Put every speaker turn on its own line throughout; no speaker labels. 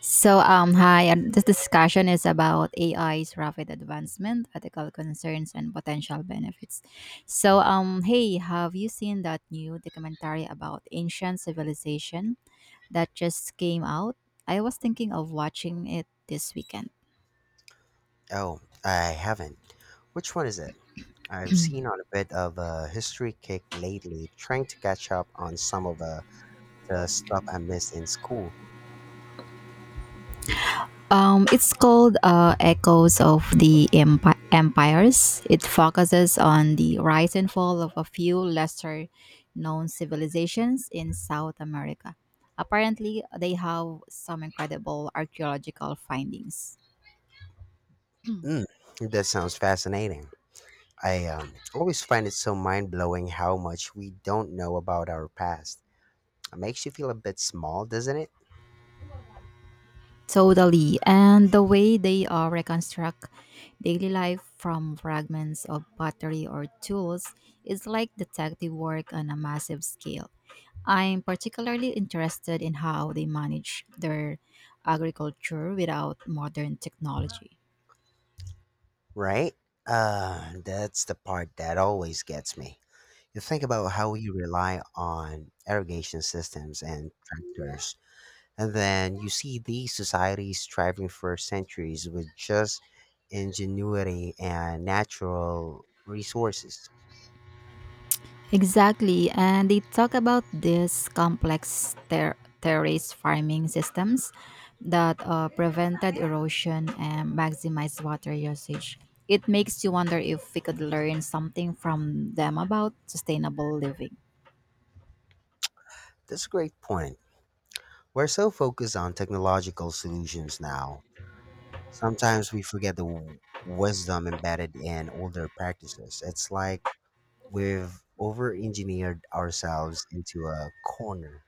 Hi, and this discussion is about AI's rapid advancement, ethical concerns, and potential benefits. Hey, have you seen that new documentary about ancient civilization that just came out? I was thinking of watching it this weekend.
Oh, I haven't. Which one is it? I'm seen on a bit of a history kick lately, trying to catch up on some of the stuff I missed in school.
It's called Echoes of the Empires. It focuses on the rise and fall of a few lesser known civilizations in South America. Apparently, they have some incredible archaeological findings.
Mm, that sounds fascinating. I always find it so mind blowing how much we don't know about our past. It makes you feel a bit small, doesn't it?
Totally. And the way they reconstruct daily life from fragments of pottery or tools is like detective work on a massive scale. I'm particularly interested in how they manage their agriculture without modern technology.
Right? That's the part that always gets me. You think about how we rely on irrigation systems and tractors, and then you see these societies thriving for centuries with just ingenuity and natural resources.
Exactly, and they talk about these complex terrace farming systems that prevented erosion and maximized water usage. It makes you wonder if we could learn something from them about sustainable living.
That's a great point. We're so focused on technological solutions now. Sometimes we forget the wisdom embedded in older practices. It's like we've over engineered ourselves into a corner.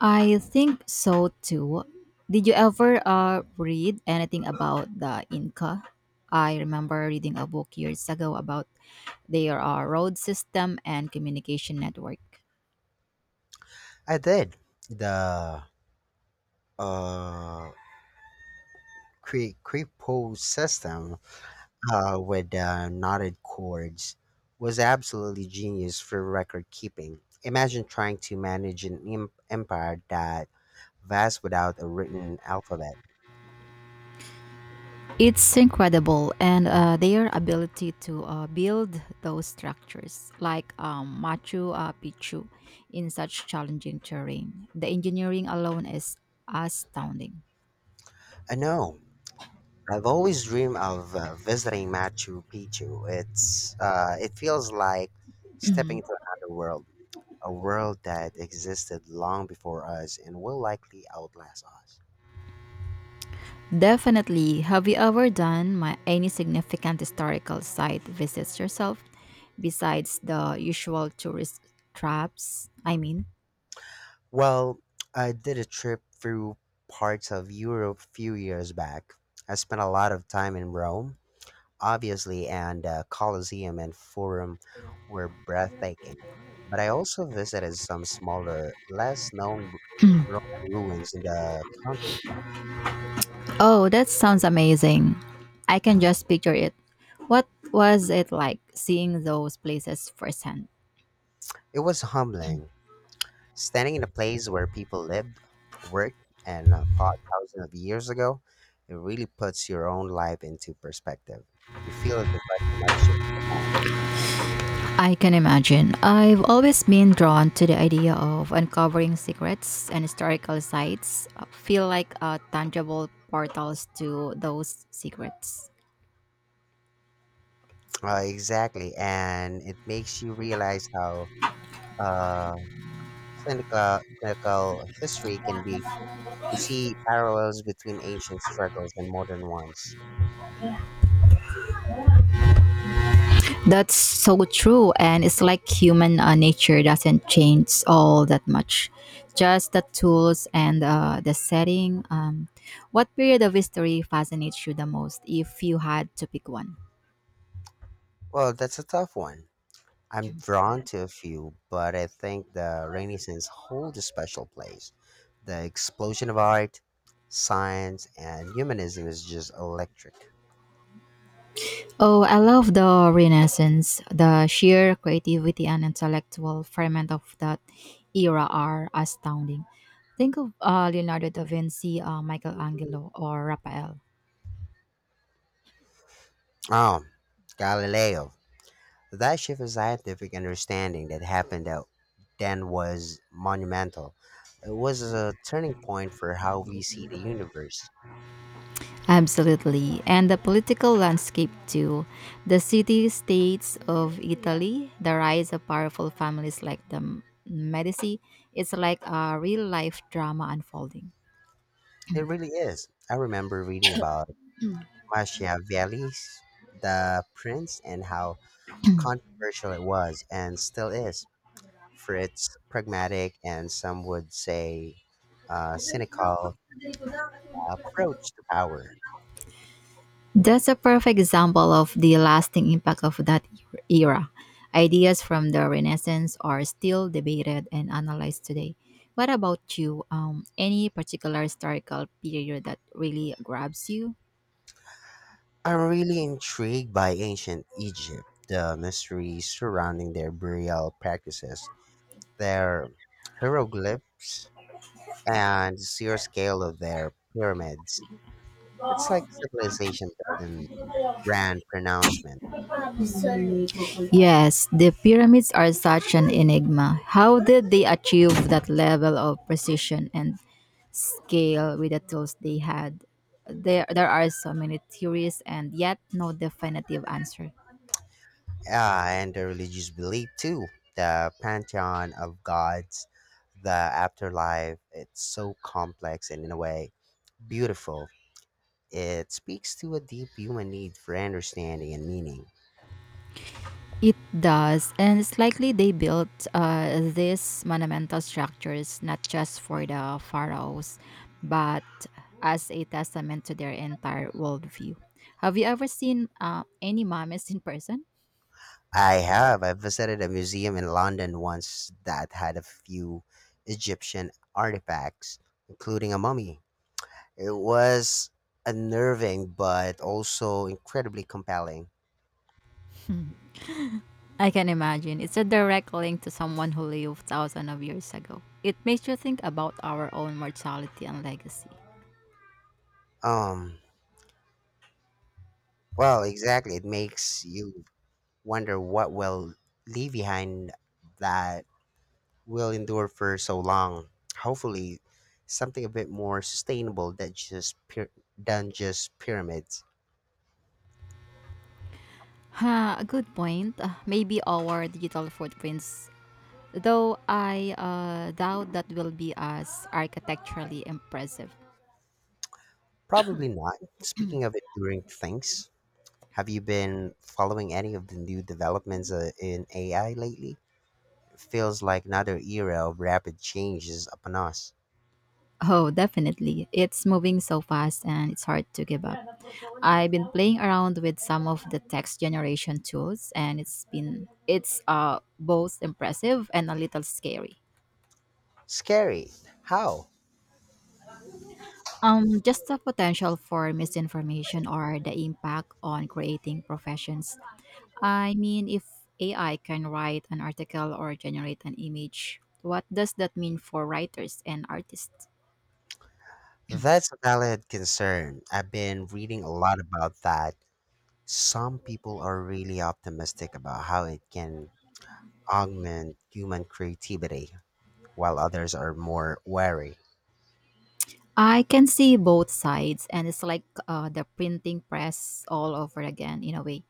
I think so too. Did you ever read anything about the Inca? I remember reading a book years ago about their road system and communication network.
I did. The uh, creepo system with the knotted cords was absolutely genius for record keeping. Imagine trying to manage an empire that vast without a written alphabet.
It's incredible, and their ability to build those structures, like Machu Picchu, in such challenging terrain. The engineering alone is astounding.
I know. I've always dreamed of visiting Machu Picchu. It feels like stepping into another world, a world that existed long before us and will likely outlast us.
Definitely. Have you ever done my any significant historical site visits yourself besides the usual tourist traps? I mean.
Well, I did a trip through parts of Europe a few years back. I spent a lot of time in Rome, obviously, and the Colosseum and Forum were breathtaking. But I also visited some smaller, less known Roman ruins in the countryside.
Oh, that sounds amazing. I can just picture it. What was it like seeing those places firsthand?
It was humbling. Standing in a place where people lived, worked, and fought thousands of years ago, it really puts your own life into perspective. You feel a direct connection.
I can imagine. I've always been drawn to the idea of uncovering secrets and historical sites feel like tangible portals to those secrets.
Exactly, and it makes you realize how uh, clinical clinical history can be. You see parallels between ancient struggles and modern ones.
That's so true. And it's like human nature doesn't change all that much. Just the tools and the setting. What period of history fascinates you the most if you had to pick one?
Well, that's a tough one. I'm drawn to a few, but I think the Renaissance holds a special place. The explosion of art, science, and humanism is just electric.
Oh, I love the Renaissance. The sheer creativity and intellectual ferment of that era are astounding. Think of Leonardo da Vinci, Michelangelo, or Raphael.
Oh, Galileo. That shift in scientific understanding that happened out then was monumental. It was a turning point for how we see the universe.
Absolutely. And the political landscape too. The city states of Italy, the rise of powerful families like the Medici, it's like a real life drama unfolding.
It really is. I remember reading about Machiavelli's The Prince and how controversial it was and still is. Fritz pragmatic and some would say cynical approach to power.
That's a perfect example of the lasting impact of that era. Ideas from the Renaissance are still debated and analyzed today. What about you? Any particular historical period that really grabs you?
I'm really intrigued by ancient Egypt, the mysteries surrounding their burial practices, their hieroglyphs, and the sheer scale of their pyramids. It's like a civilization building grand pronouncement.
Yes, the pyramids are such an enigma. How did they achieve that level of precision and scale with the tools they had? There are so many theories and yet no definitive answer.
Ah, and the religious belief too, the pantheon of gods, the afterlife. It's so complex and in a way beautiful. It speaks to a deep human need for understanding and meaning.
It does, and it's likely they built these monumental structures not just for the pharaohs, but as a testament to their entire worldview. Have you ever seen any mummies in person?
I have. I visited a museum in London once that had a few Egyptian artifacts, including a mummy. It was unnerving but also incredibly compelling.
I can imagine. It's a direct link to someone who lived thousands of years ago. It makes you think about our own mortality and legacy.
Um, well, exactly. It makes you wonder what will leave behind that will endure for so long. Hopefully, something a bit more sustainable than than just pyramids.
Huh, a good point. Maybe our digital footprints, though I doubt that will be as architecturally impressive.
Probably not. Speaking of enduring things, have you been following any of the new developments in AI lately? It feels like another era of rapid change is upon us.
Oh, definitely. It's moving so fast and it's hard to give up. I've been playing around with some of the text generation tools and it's both impressive and a little scary.
Scary. How?
Just the potential for misinformation or the impact on creating professions. I mean, if AI can write an article or generate an image, what does that mean for writers and artists?
That's a valid concern. I've been reading a lot about that. Some people are really optimistic about how it can augment human creativity, while others are more wary.
I can see both sides, and it's like the printing press all over again, in a way.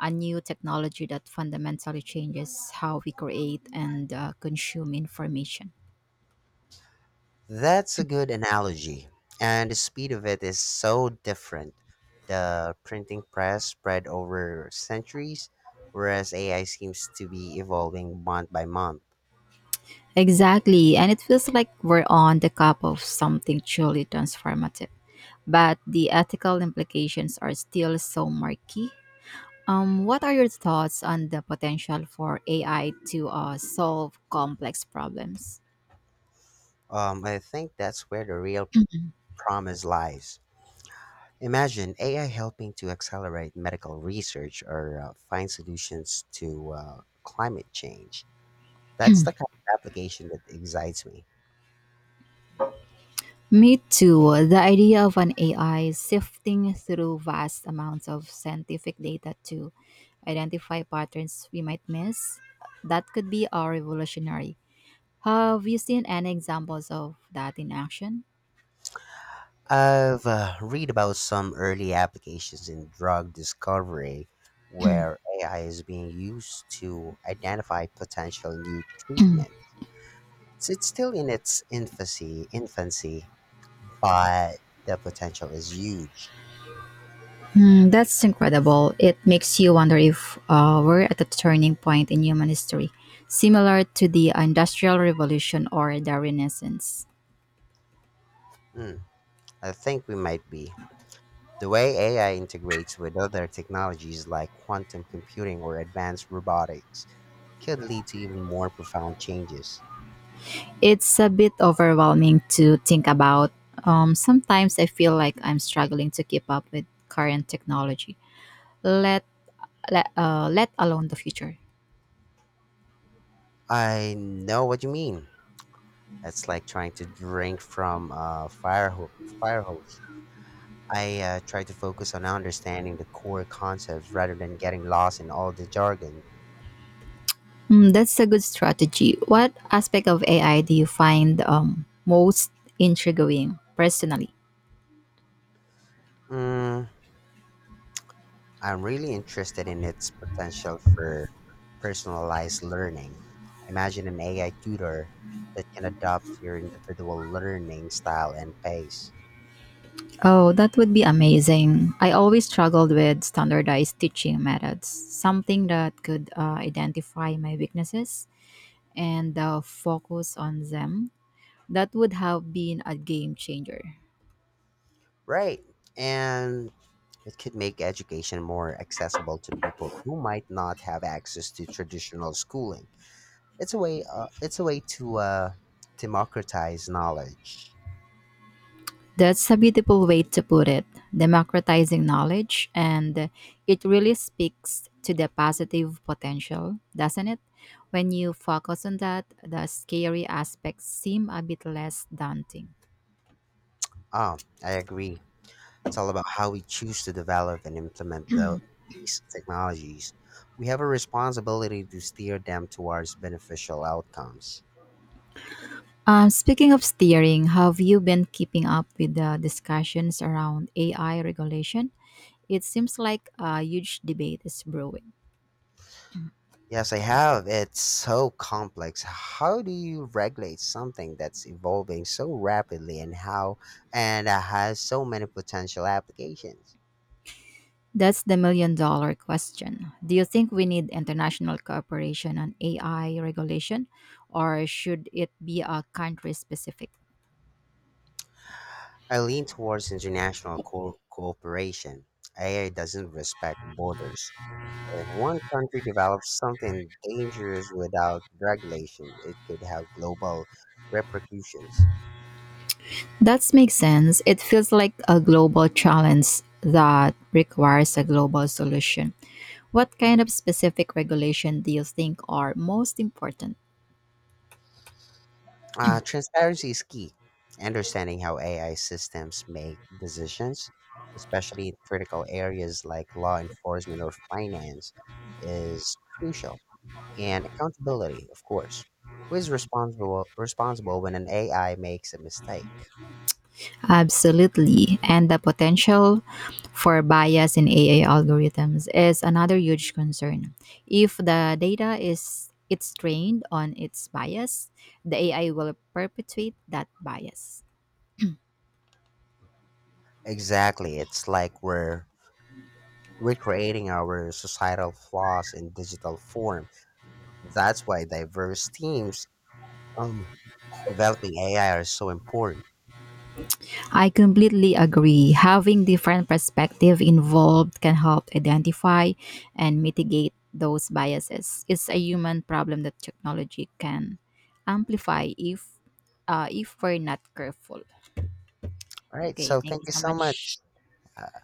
A new technology that fundamentally changes how we create and consume information.
That's a good analogy. And the speed of it is so different. The printing press spread over centuries, whereas AI seems to be evolving month by month.
Exactly, and it feels like we're on the cusp of something truly transformative. But the ethical implications are still so murky. What are your thoughts on the potential for AI to solve complex problems?
I think that's where the real promise lies. Imagine AI helping to accelerate medical research or find solutions to climate change. That's the kind of application that excites me.
Me too. The idea of an AI sifting through vast amounts of scientific data to identify patterns we might miss, that could be revolutionary. Have you seen any examples of that in action?
I've read about some early applications in drug discovery where AI is being used to identify potential new treatments. So it's still in its infancy, but the potential is huge.
Mm, that's incredible. It makes you wonder if we're at a turning point in human history, similar to the Industrial Revolution or the Renaissance.
Mm, I think we might be. The way AI integrates with other technologies like quantum computing or advanced robotics could lead to even more profound changes.
It's a bit overwhelming to think about. Sometimes I feel like I'm struggling to keep up with current technology, let, let alone the future.
I know what you mean. It's like trying to drink from a fire hose. I try to focus on understanding the core concepts rather than getting lost in all the jargon.
Mm, that's a good strategy. What aspect of AI do you find most intriguing personally?
Mm, I'm really interested in its potential for personalized learning. Imagine an AI tutor that can adapt your individual learning style and pace.
Oh, that would be amazing. I always struggled with standardized teaching methods, something that could identify my weaknesses and focus on them. That would have been a game changer.
Right. And it could make education more accessible to people who might not have access to traditional schooling. It's a way to democratize knowledge.
That's a beautiful way to put it, democratizing knowledge, and it really speaks to the positive potential, doesn't it? When you focus on that, the scary aspects seem a bit less daunting.
Oh, I agree. It's all about how we choose to develop and implement these technologies. We have a responsibility to steer them towards beneficial outcomes.
Speaking of steering, have you been keeping up with the discussions around AI regulation? It seems like a huge debate is brewing.
Yes, I have. It's so complex. How do you regulate something that's evolving so rapidly and how and has so many potential applications?
That's the million dollar question. Do you think we need international cooperation on AI regulation, or should it be a country specific?
I lean towards international cooperation. AI doesn't respect borders. If one country develops something dangerous without regulation, it could have global repercussions.
That makes sense. It feels like a global challenge that requires a global solution. What kind of specific regulation do you think are most important?
Transparency is key. Understanding how AI systems make decisions, especially in critical areas like law enforcement or finance, is crucial. And accountability, of course. Who is responsible when an AI makes a mistake?
Absolutely. And the potential for bias in AI algorithms is another huge concern. If the data is it's trained on its bias, the AI will perpetuate that bias.
Exactly. It's like we're recreating our societal flaws in digital form. That's why diverse teams um, developing AI are so important.
I completely agree. Having different perspective involved can help identify and mitigate those biases. It's a human problem that technology can amplify if we're not careful.
All right.
Okay,
So
thank
thank
you
you
so
so
much.
much.